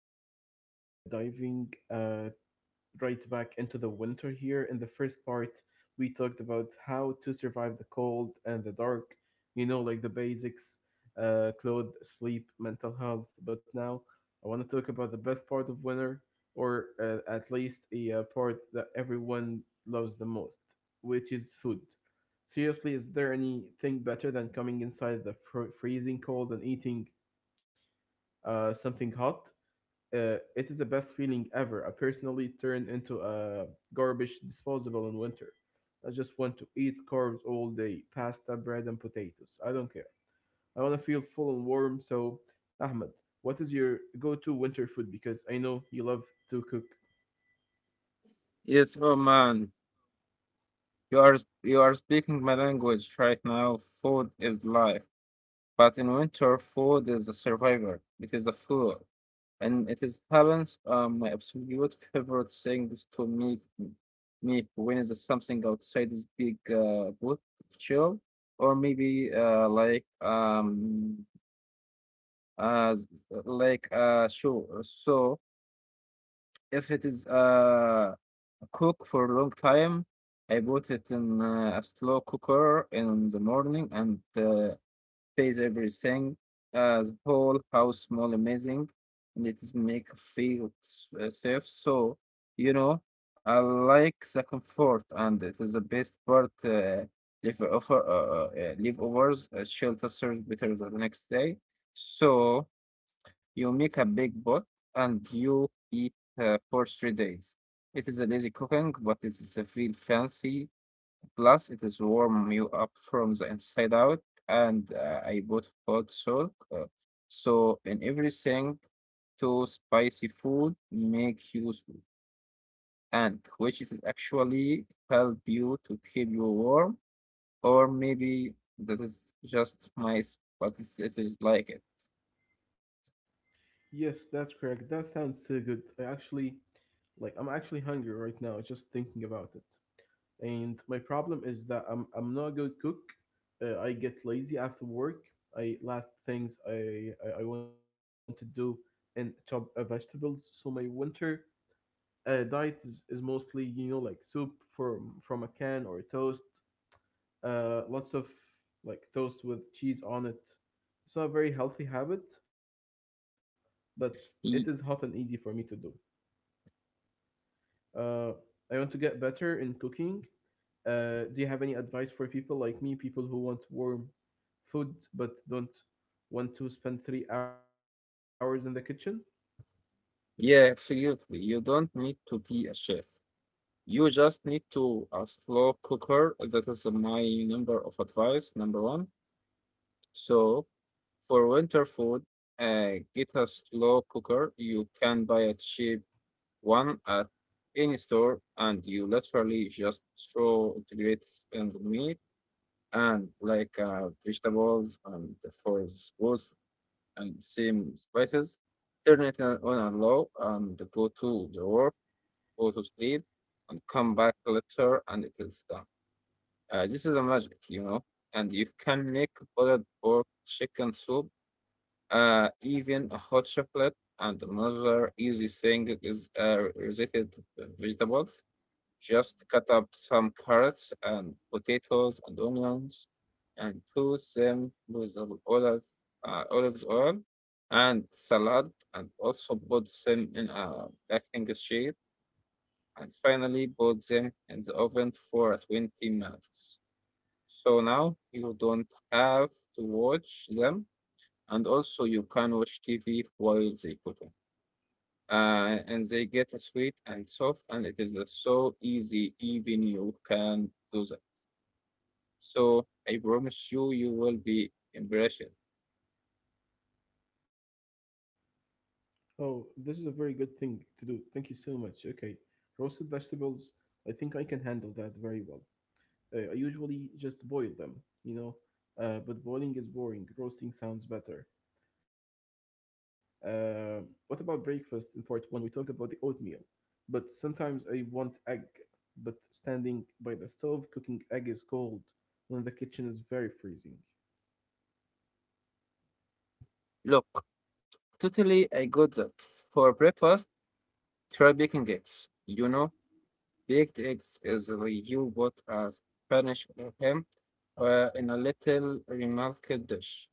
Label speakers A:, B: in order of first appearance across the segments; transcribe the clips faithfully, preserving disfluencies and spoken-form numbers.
A: really uh, diving uh, right back into the winter here. In the first part, we talked about how to survive the cold and the dark, you know, like the basics uh, clothes, sleep, mental health. But now I want to talk about the best part of winter, or uh, at least a uh, part that everyone loves the most, which is food. Seriously, is there anything better than coming inside the fr- freezing cold and eating uh, something hot. Uh, it is the best feeling ever. I personally turn into a garbage disposable in winter. I just want to eat carbs all day, pasta, bread, and potatoes. I don't care. I want to feel full and warm. So, Ahmed, what is your go-to winter food? Because I know you love to cook.
B: Yes, oh man, you are you are speaking my language right now. Food is life, but in winter, food is a survivor. It is a fuel, and it is happens um my absolute favorite thing is to make m- me when is something outside this big uh boot chill, or maybe uh like um uh like uh show so if it is uh, cook for a long time, I put it in uh, a slow cooker in the morning and uh, pays everything. Uh, the whole house smell amazing, and it is make feel s- uh, safe. So you know, I like the comfort, and it is the best part. Uh, live over, uh, uh, uh, leftovers uh, shelter serves better the next day. So. You make a big pot and you eat uh, for three days. It is a lazy cooking, but it is a feel fancy. Plus, it is warm you up from the inside out. And uh, I bought hot salt. Uh, so in everything, to spicy food make you sweet, and which is actually help you to keep you warm, or maybe that is just my, s- but it's, it is like it.
A: Yes, that's correct. That sounds so good. I actually, like, I'm actually hungry right now just thinking about it. And my problem is that I'm I'm not a good cook. Uh, I get lazy after work. I last things I I, I want to do and chop uh, vegetables. So my winter uh, diet is, is mostly you know like soup from from a can or a toast. Uh, lots of like toast with cheese on it. It's not a very healthy habit, but it is hot and easy for me
B: Y-
A: to do. Uh, I want to get better in cooking. Uh, do you have any advice for people like me, people who want warm food but don't want to spend three hours in the kitchen?
B: Yeah, absolutely. You don't need to be a chef. You just need to a slow cooker. That is my number of advice, number one. So for winter food, uh, get a slow cooker. You can buy a cheap one at any store, and you literally just throw grates and meat and like uh, vegetables and for sauce and same spices. Turn it on on a low and go to the work go to sleep, and come back later, and it will stop. Uh, this is a magic, you know. And you can make boiled pork, chicken soup, uh, even a hot chocolate. And another easy thing is uh, related vegetables. Just cut up some carrots and potatoes and onions, and toast them with a olive, uh, olive oil and salad, and also put them in a baking sheet and finally put them in the oven for twenty minutes. So now you don't have to watch them, and also you can watch T V while they cook. Uh, and they get sweet and soft, and it is uh, so easy, even you can do that. So I promise you, you will be impressed.
A: Oh, this is a very good thing to do. Thank you so much. Okay. Roasted vegetables, I think I can handle that very well. Uh, I usually just boil them, you know, uh, but boiling is boring. Roasting sounds better. Uh, what about breakfast in part one? We talked about the oatmeal, but sometimes I want egg. But standing by the stove cooking egg is cold when the kitchen is very freezing.
B: Look, totally, I got that. For breakfast, try baking eggs. You know, Baked eggs is the you put a Spanish ham uh, in a little remarked dish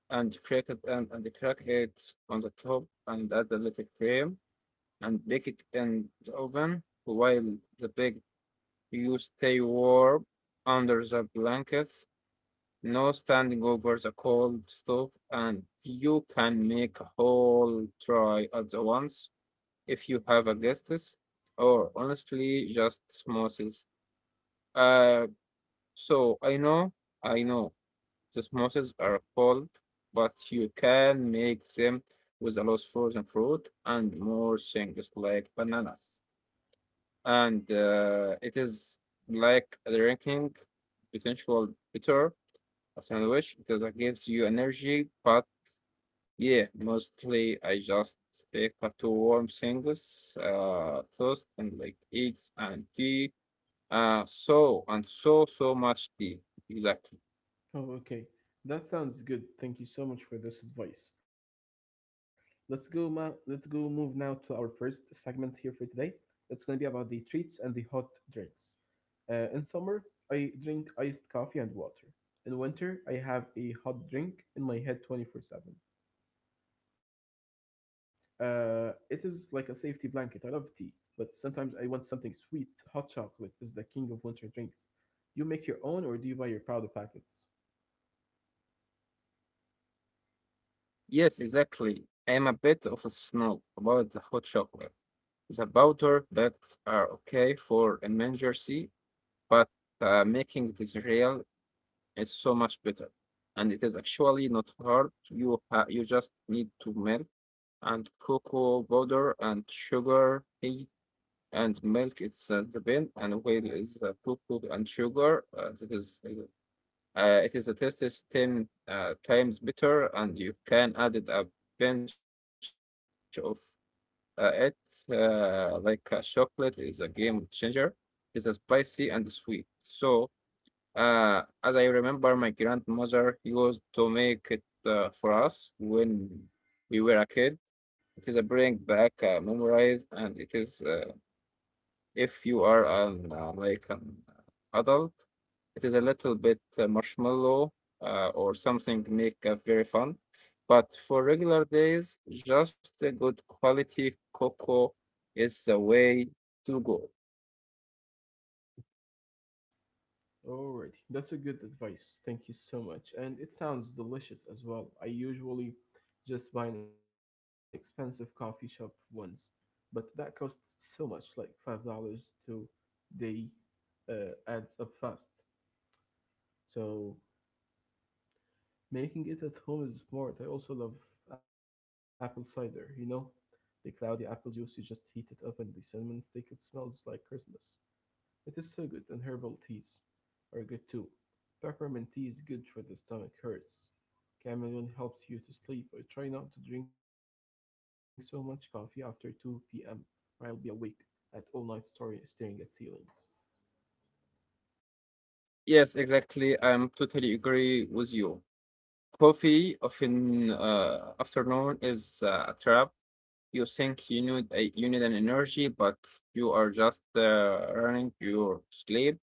B: and crack it and, and crack it on the top and add a little cream and bake it in the oven while the baked you stay warm under the blankets, no standing over the cold stove, and you can make a whole try at the once if you have a guests or honestly just smoothies. Uh, so I know, I know the samosas are cold, but you can make them with a lot of frozen fruit and more things like bananas. And uh, it is like drinking potential bitter a sandwich because it gives you energy. But yeah, mostly I just stick to warm things, uh, toast and like eggs and tea. Uh, so and so so much tea. Exactly.
A: Oh, okay. That sounds good. Thank you so much for this advice. Let's go, ma- let's go move now to our first segment here for today. It's going to be about the treats and the hot drinks. Uh, in summer, I drink iced coffee and water. In winter, I have a hot drink in my head twenty-four seven. Uh, it is like a safety blanket. I love tea, but sometimes I want something sweet. Hot chocolate is the king of winter drinks. Do you make your own or do you buy your powder packets?
B: Yes, exactly. I'm a bit of a snob about the hot chocolate. The powder bags are okay for emergency, but uh, making this real is so much better. And it is actually not hard. You ha you just need to milk and cocoa powder and sugar, tea and milk. It's uh, the bean and whale is uh, cocoa and sugar. Uh, that is, uh, it is a taste is ten uh, times better, and you can add it up bench of uh, it uh, like uh, chocolate is a game changer. It's a spicy and sweet. So uh, as I remember, my grandmother used to make it uh, for us when we were a kid. It is a bring back uh, memories, and it is uh, if you are an uh, like an adult, it is a little bit uh, marshmallow uh, or something make uh, very fun. But for regular days, just a good quality cocoa is the way to go.
A: Alrighty, that's a good advice. Thank you so much. And it sounds delicious as well. I usually just buy an expensive coffee shop ones, but that costs so much, like five dollars to they uh, adds up fast. So making it at home is smart. I also love apple cider, you know? The cloudy apple juice, you just heat it up and the cinnamon stick, it smells like Christmas. It is so good, and herbal teas are good too. Peppermint tea is good for the stomach hurts. Chamomile helps you to sleep. I try not to drink so much coffee after two p m, or I'll be awake at all night story, staring at ceilings.
B: Yes, exactly. I'm totally agree with you. Coffee often uh, afternoon is uh, a trap you think you need a, you need an energy, but you are just uh, running your sleep.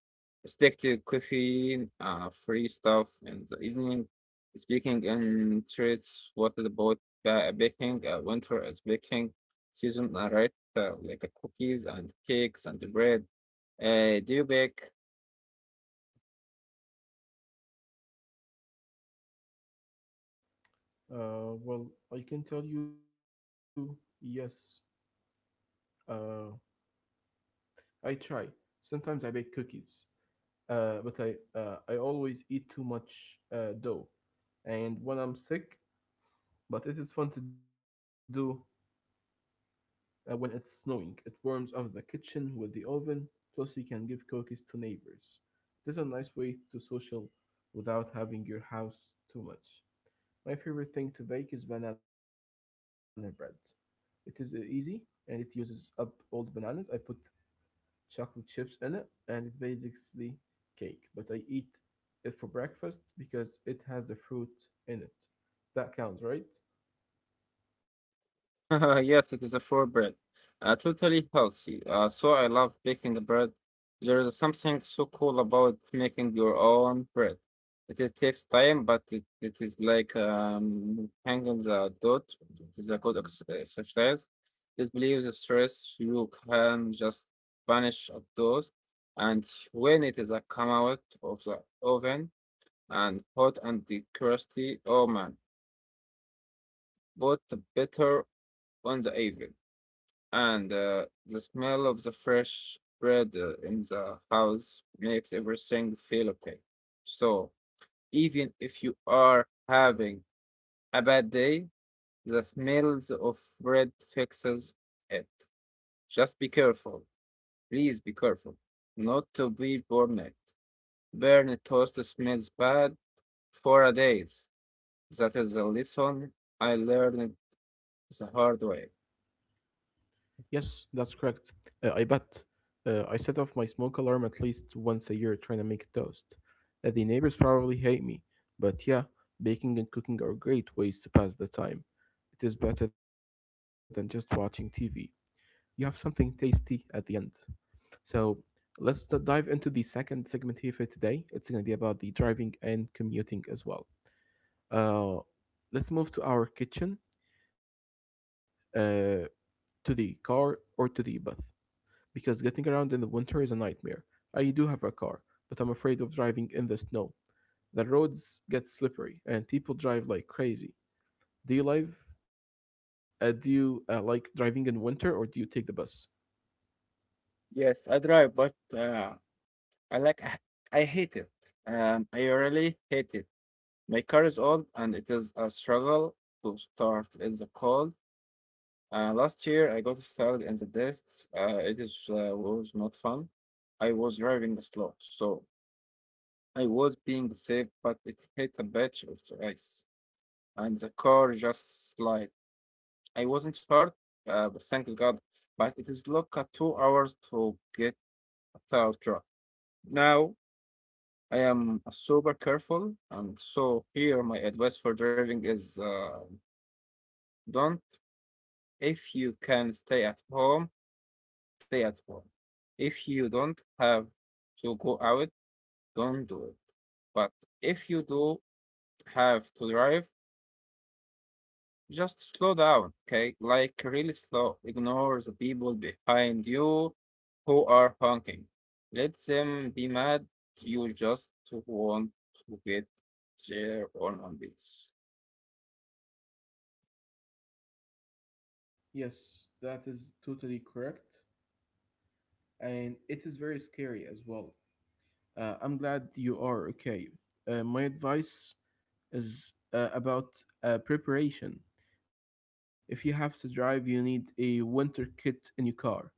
B: Stick to caffeine, uh, free stuff in the evening. Speaking in treats. What about ba- baking? Uh, winter is baking season, uh, right? Uh, like uh, cookies and cakes and bread. Uh, do you bake?
A: Uh, well, I can tell you, yes, uh, I try. Sometimes I bake cookies. Uh, but I uh, I always eat too much uh, dough, and when I'm sick. But it is fun to do uh, when it's snowing. It warms up the kitchen with the oven. Plus, you can give cookies to neighbors. It is a nice way to social without having your house too much. My favorite thing to bake is banana bread. It is uh, easy, and it uses up old bananas. I put chocolate chips in it, and it's basically cake. But I eat it for breakfast because it has the fruit in it. That counts, right?
B: Yes, it is a flour bread. Uh, totally healthy. Uh, so I love baking the bread. There is something so cool about making your own bread. It, it takes time, but it, it is like um, hanging the dough. It is a good ex- exercise. This believes the stress you can just banish of those. And when it is a come out of the oven and hot and the crusty, oh man, put the butter on the oven. And uh, the smell of the fresh bread uh, in the house makes everything feel okay. So even if you are having a bad day, the smells of bread fixes it. Just be careful. Please be careful. Not to be burned. Burnt toast smells bad for a days. That is a lesson I learned the hard way.
A: Yes, that's correct. Uh, I bet. Uh, I set off my smoke alarm at least once a year trying to make toast. Uh, the neighbors probably hate me, but yeah, baking and cooking are great ways to pass the time. It is better than just watching T V. You have something tasty at the end. So let's d- dive into the second segment here for today. It's going to be about the driving and commuting as well. Uh, let's move to our kitchen, uh, to the car, or to the bus, because getting around in the winter is a nightmare. I do have a car, but I'm afraid of driving in the snow. The roads get slippery, and people drive like crazy. Do you live? Uh, do you uh, like driving in winter, or do you take the bus?
B: Yes, I drive, but uh, I like I I hate it. Um, I really hate it. My car is old and it is a struggle to start in the cold. Uh, last year I got stuck in the dust. Uh, it is uh, was not fun. I was driving slow, so I was being safe, but it hit a patch of the ice and the car just slid. I wasn't hurt, uh, but thanks God. But it is look at two hours to get a third truck. Now I am super careful, and so here my advice for driving is uh, don't. If you can stay at home, stay at home. If you don't have to go out, don't do it. But if you do have to drive, just slow down, okay? Like really slow. Ignore the people behind you who are honking. Let them be mad. You just want to get their own on this.
A: Yes, that is totally correct. And it is very scary as well. Uh, I'm glad you are okay. Uh, my advice is uh, about uh, preparation. If you have to drive, you need a winter kit in your car.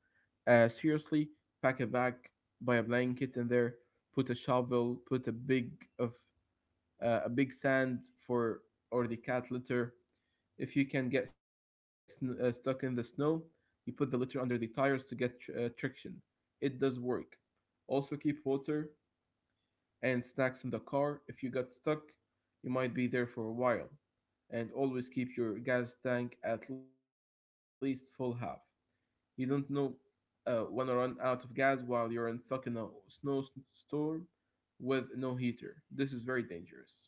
A: Uh, seriously, pack a bag, buy a blanket in there, put a shovel, put a big of uh, a big sand for or the cat litter, if you can get sn- uh, stuck in the snow, you put the litter under the tires to get tr- uh, traction. It does work. Also, keep water and snacks in the car. If you got stuck, you might be there for a while. And always keep your gas tank at least full half. You don't know uh, when to run out of gas while you're in stuck in a snowstorm with no heater. This is very dangerous.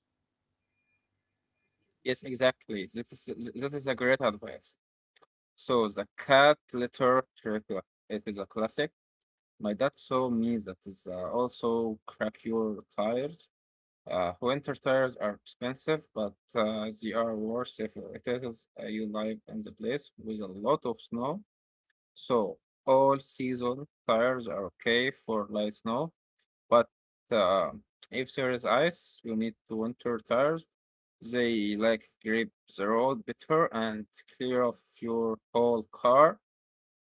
B: Yes, exactly. That is th- that is a great advice. So the cat litter trick, uh, it is a classic. My dad saw me that is uh, also crack your tires. Uh, winter tires are expensive, but uh, they are worth if it is uh, you live in the place with a lot of snow. So all season tires are okay for light snow, but uh, if there is ice, you need to winter tires. They like grip the road better and clear off your whole car.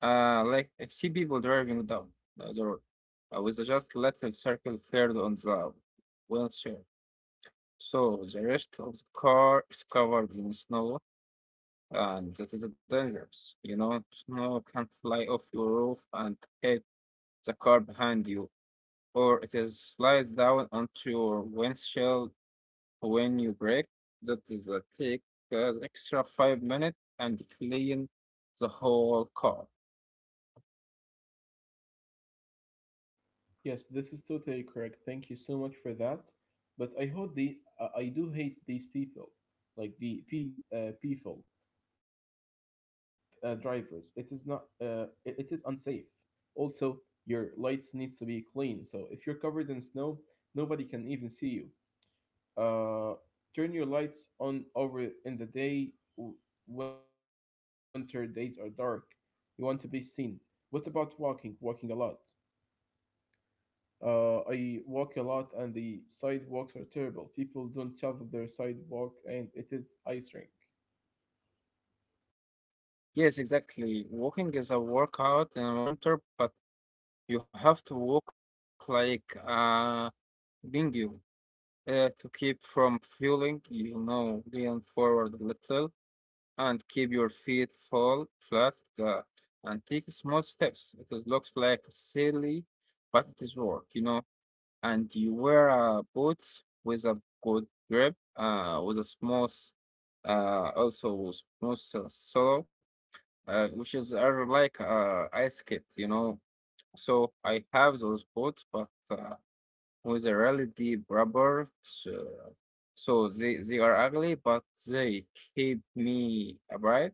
B: Uh, like I see people driving down uh, the road uh, with just little circle cleared on the windshield. So the rest of the car is covered in snow, and that is dangerous. You know, snow can fly off your roof and hit the car behind you, or it is slides down onto your windshield when you brake. That is a take uh, extra five minutes and clean the whole car.
A: Yes, this is totally correct. Thank you so much for that. But I hope the uh, I do hate these people, like the p uh, people uh, drivers. It is not uh, it, it is unsafe. Also, your lights needs to be clean. So if you're covered in snow, nobody can even see you. Uh, turn your lights on over in the day. w- Winter days are dark. You want to be seen. What about walking? Walking a lot. Uh, I walk a lot, and the sidewalks are terrible. People don't shovel their sidewalk, and it is ice rink.
B: Yes, exactly. Walking is a workout in winter, but you have to walk like a bingo. Uh, to keep from fueling, you know, lean forward a little and keep your feet full, flat, uh, and take small steps. It is, looks like silly, but it is work, you know. And you wear uh, boots with a good grip, uh, with a smooth, uh, also smooth uh, sole, uh, which is uh, like uh, ice skate, you know. So I have those boots, but uh, with a really deep rubber. So, so they, they are ugly, but they keep me upright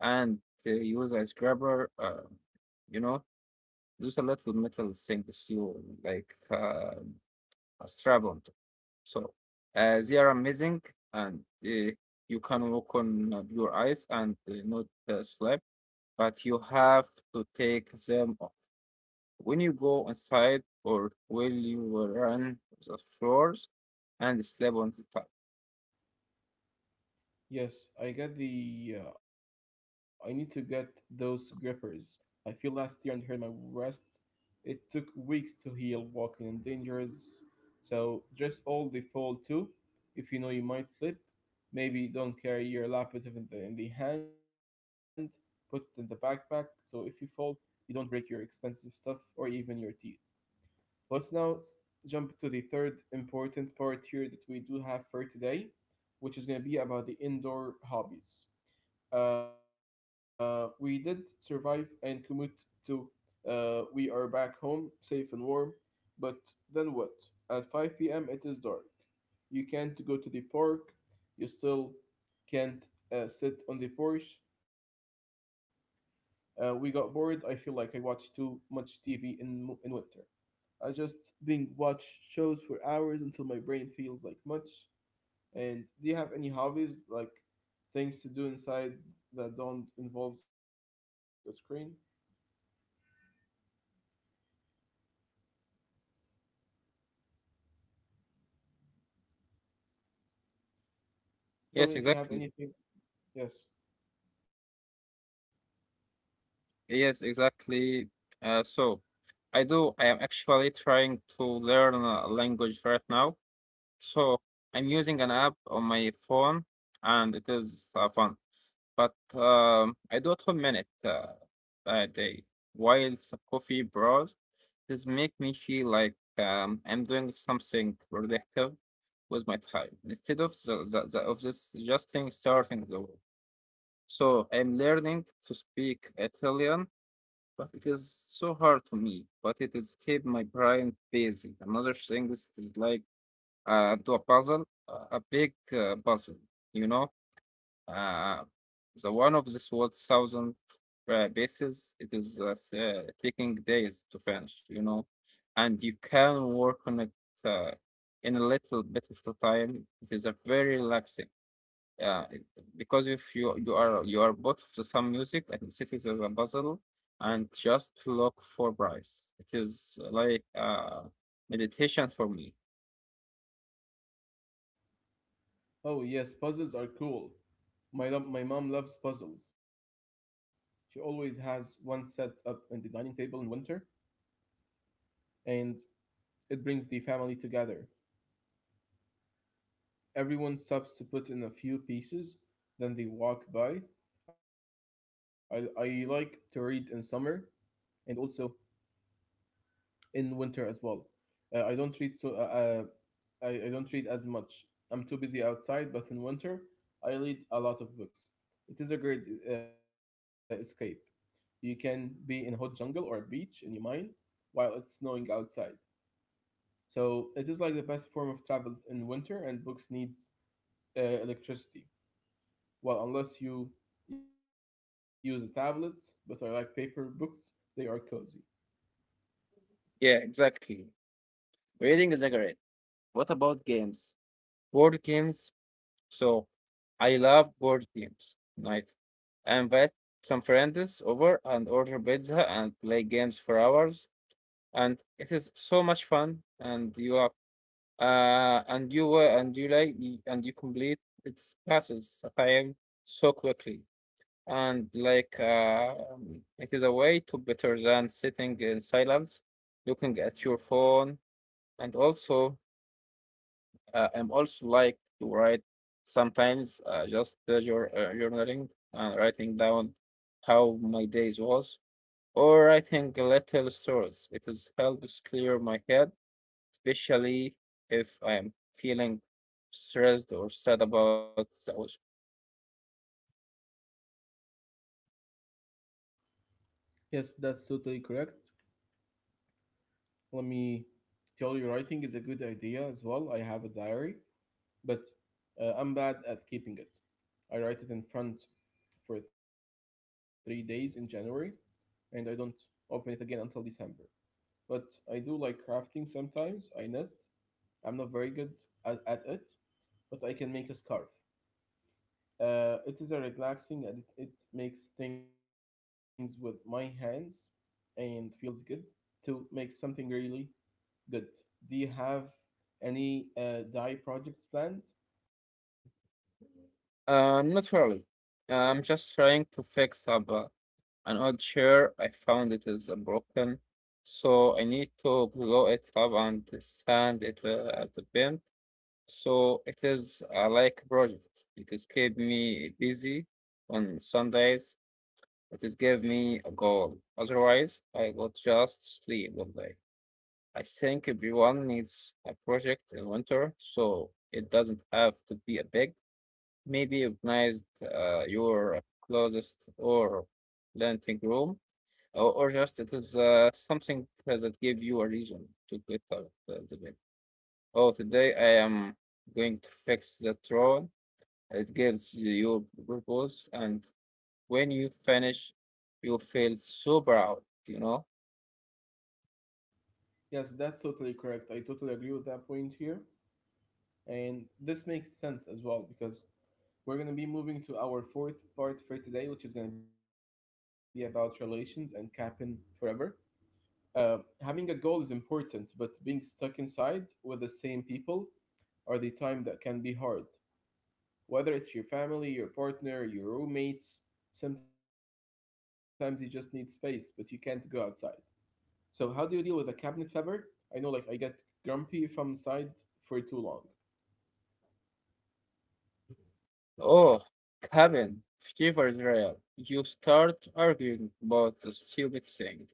B: and they use a scrubber, uh, you know, those a little metal things you like uh, a strap on top. So uh, they are amazing and uh, you can walk on uh, your eyes and uh, not uh, slip, but you have to take them when you go inside, or will you run the floors and slip on the tile?
A: Yes, I got the. Uh, I need to get those grippers. I feel last year and hurt my wrist. It took weeks to heal. Walking in dangerous. So dress all the fall too. If you know you might slip, maybe don't carry your laptop in the in the hand. Put it in the backpack. So if you fall, you don't break your expensive stuff or even your teeth. Let's now s- jump to the third important part here that we do have for today, which is going to be about the indoor hobbies. Uh, we did survive and commute to. Uh, we are back home, safe and warm, but then what? At five p m, it is dark. You can't go to the park. You still can't uh, sit on the porch. Uh, we got bored. I feel like I watched too much T V in mo- in winter. I just being watch shows for hours until my brain feels like much. And do you have any hobbies like things to do inside that don't involves a screen? Tell
B: Yes,
A: me if you have
B: exactly.
A: anything. Yes.
B: Yes, exactly. Uh, so I do. I am actually trying to learn a language right now. So I'm using an app on my phone, and it is uh, fun. But, um, I do it one minute, uh, a day, while the coffee bros this make me feel like, um, I'm doing something productive with my time instead of the the the of this just thing starting the world. So I'm learning to speak Italian, but it is so hard to me, but it is keep my brain busy. Another thing is it's like, uh, do a puzzle, uh, a big, uh, puzzle, you know? Uh, the one of this was thousand uh, pieces. It is uh, s- uh, taking days to finish, you know, and you can work on it uh, in a little bit of the time. It is a very relaxing. Uh, it- because if you you are you are both of the some music and cities of a puzzle and just look for price. It is like uh, meditation for me.
A: Oh yes, puzzles are cool. My lo- my mom loves puzzles. She always has one set up in the dining table in winter, and it brings the family together. Everyone stops to put in a few pieces, then they walk by. I I like to read in summer, and also in winter as well. Uh, I don't read so uh, uh, I, I don't read as much. I'm too busy outside, but in winter I read a lot of books. It is a great uh, escape. You can be in a hot jungle or a beach in your mind while it's snowing outside. So it is like the best form of travel in winter, and books needs uh, electricity. Well, unless you use a tablet, but I like paper books. They are cozy.
B: Yeah, exactly. Reading is a great. What about games? Board games. So I love board games night. I invite some friends over and order pizza and play games for hours, and it is so much fun. And you are, uh, and you were, and you like, y- and you complete. It passes time so quickly, and like uh, um, it is a way to better than sitting in silence, looking at your phone, and also uh, I'm also like to write sometimes uh, just pleasure uh, journaling and writing down how my days was or writing little stories. It is helps clear my head, especially if I am feeling stressed or sad about those.
A: Yes, that's totally correct. Let me tell you, writing is a good idea as well. I have a diary, but uh, I'm bad at keeping it. I write it in front for three days in January, and I don't open it again until December. But I do like crafting sometimes. I knit. I'm not very good at, at it, but I can make a scarf. Uh, it is a relaxing and it, it makes things with my hands and feels good to make something really good. Do you have any uh, D A I projects planned?
B: Um, not really. I'm just trying to fix up uh, an old chair. I found it is uh, broken, so I need to blow it up and sand it uh, at the bin. So it is a like a project. It is keep me busy on Sundays. It is give me a goal. Otherwise, I will just sleep all day. I think everyone needs a project in winter, so it doesn't have to be a big. Maybe organize uh, your closest or planting room, or, or just it is uh, something that give you a reason to get out of the bed. Oh, today I am going to fix the drawer it gives you purpose, and when you finish, you feel so proud, you know?
A: Yes, that's totally correct. I totally agree with that point here. And this makes sense as well because we're going to be moving to our fourth part for today, which is going to be about relations and capping forever. Uh, having a goal is important, but being stuck inside with the same people are the time that can be hard. Whether it's your family, your partner, your roommates, sometimes you just need space, but you can't go outside. So how do you deal with a cabinet fever? I know like I get grumpy if I'm inside for too long.
B: Oh, cabin fever is real. You start arguing about the stupid things,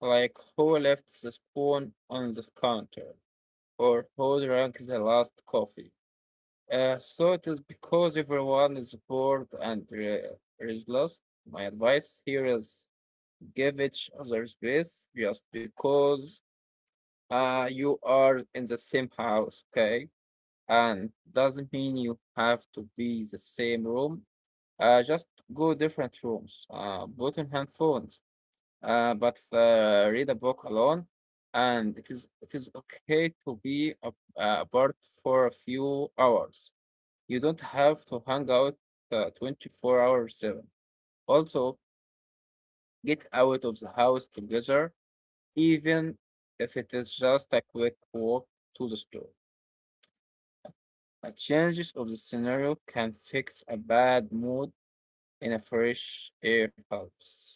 B: like who left the spoon on the counter, or who drank the last coffee. Uh, so it is because everyone is bored and re- restless. My advice here is give each other space just because Uh, you are in the same house, okay? And doesn't mean you have to be the same room. Uh, just go different rooms. Uh, put in handphones. Uh, but uh, Read a book alone. And it is it is okay to be a- uh, apart for a few hours. You don't have to hang out uh, twenty-four hours seven. Also, get out of the house together, even if it is just a quick walk to the store. A changes of the scenario can fix a bad mood in a fresh air helps.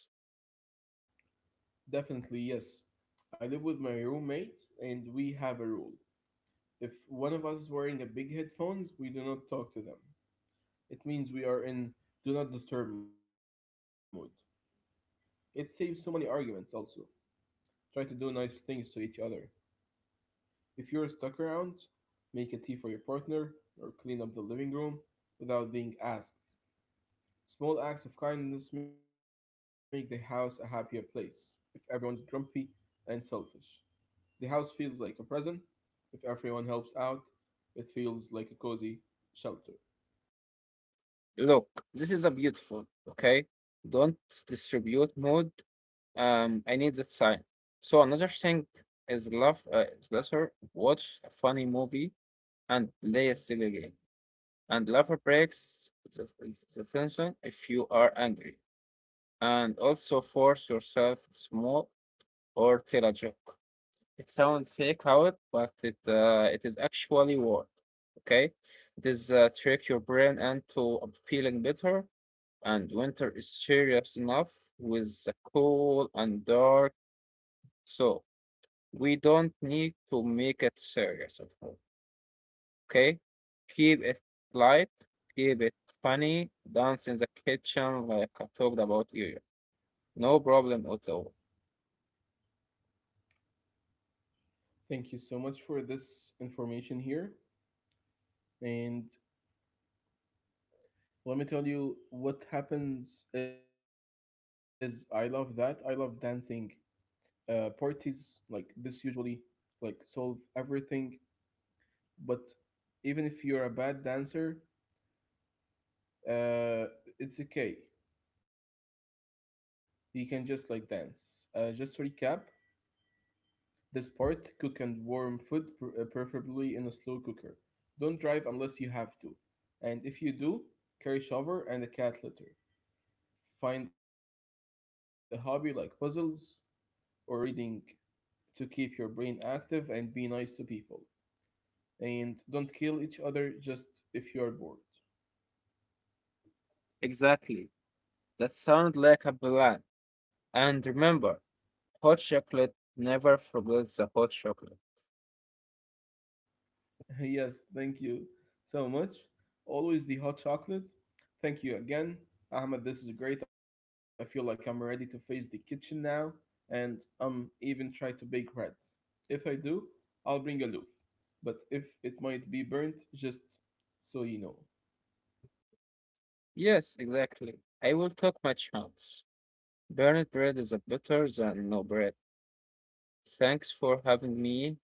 A: Definitely, yes. I live with my roommate and we have a rule. If one of us is wearing a big headphones, we do not talk to them. It means we are in do not disturb mode. It saves so many arguments also. Try to do nice things to each other. If you're stuck around, make a tea for your partner or clean up the living room without being asked. Small acts of kindness make the house a happier place. If everyone's grumpy and selfish, the house feels like a prison. If everyone helps out, it feels like a cozy shelter.
B: Look, this is a beautiful, okay? Don't distribute mood. Um, I need that sign. So another thing is love uh, is lesser. Watch a funny movie and play a silly game. And laughter breaks the, the tension if you are angry. And also force yourself to smoke or tell a joke. It sounds fake out, but it uh, it is actually work. Okay, it is uh, trick your brain into feeling better. And winter is serious enough with the cold and dark, so we don't need to make it serious at all. Okay, keep it light, keep it funny. Dance in the kitchen like I talked about earlier. No problem at all.
A: Thank you so much for this information here. And let me tell you what happens is I love that. I love dancing uh, parties like this usually like solve everything but even if you're a bad dancer, uh, it's okay. You can just like dance, uh, just to recap this part, cook and warm food, pr- uh, preferably in a slow cooker, don't drive unless you have to, and if you do, carry shower and a cat litter, find a hobby like puzzles or reading to keep your brain active, and be nice to people and don't kill each other just if you're bored.
B: Exactly. That sounds like a plan. And remember, hot chocolate never forgets the hot chocolate.
A: Yes, thank you so much. Always the hot chocolate. Thank you again, Ahmed. This is great. I feel like I'm ready to face the kitchen now, and um, even try to bake bread. If I do, I'll bring a loaf, but if it might be burnt, just so you know.
B: Yes, exactly. I will take my chance. Burned bread is a better than no bread. Thanks for having me,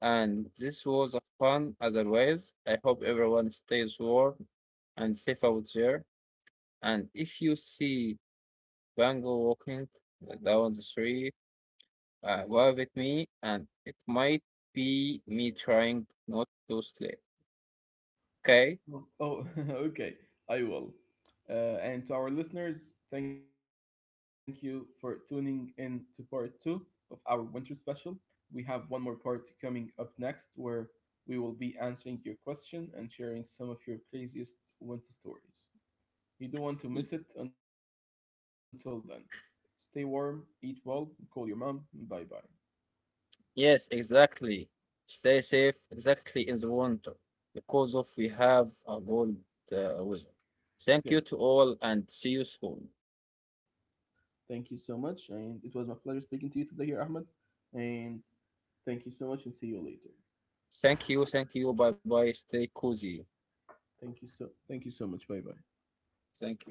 B: and this was a fun as always. I hope everyone stays warm and safe out there. And if you see Bango walking down the street, uh, wave at me, and it might be me trying not to sleep. Okay?
A: Oh, oh, okay. I will. Uh, and to our listeners, thank you for tuning in to part two of our winter special. We have one more part coming up next where we will be answering your question and sharing some of your craziest winter stories. You don't want to miss it until then. Stay warm, eat well, call your mom. Bye bye.
B: Yes, exactly. Stay safe, exactly in the winter, because of we have a cold uh, weather. Thank you
A: Yes,
B: to all and see you soon.
A: thank you so much. And it was my pleasure speaking to you today here, Ahmed. And thank you so much and see you later.
B: Thank you, thank you. Bye bye. Stay cozy.
A: Thank you so thank you so much. Bye bye.
B: Thank you.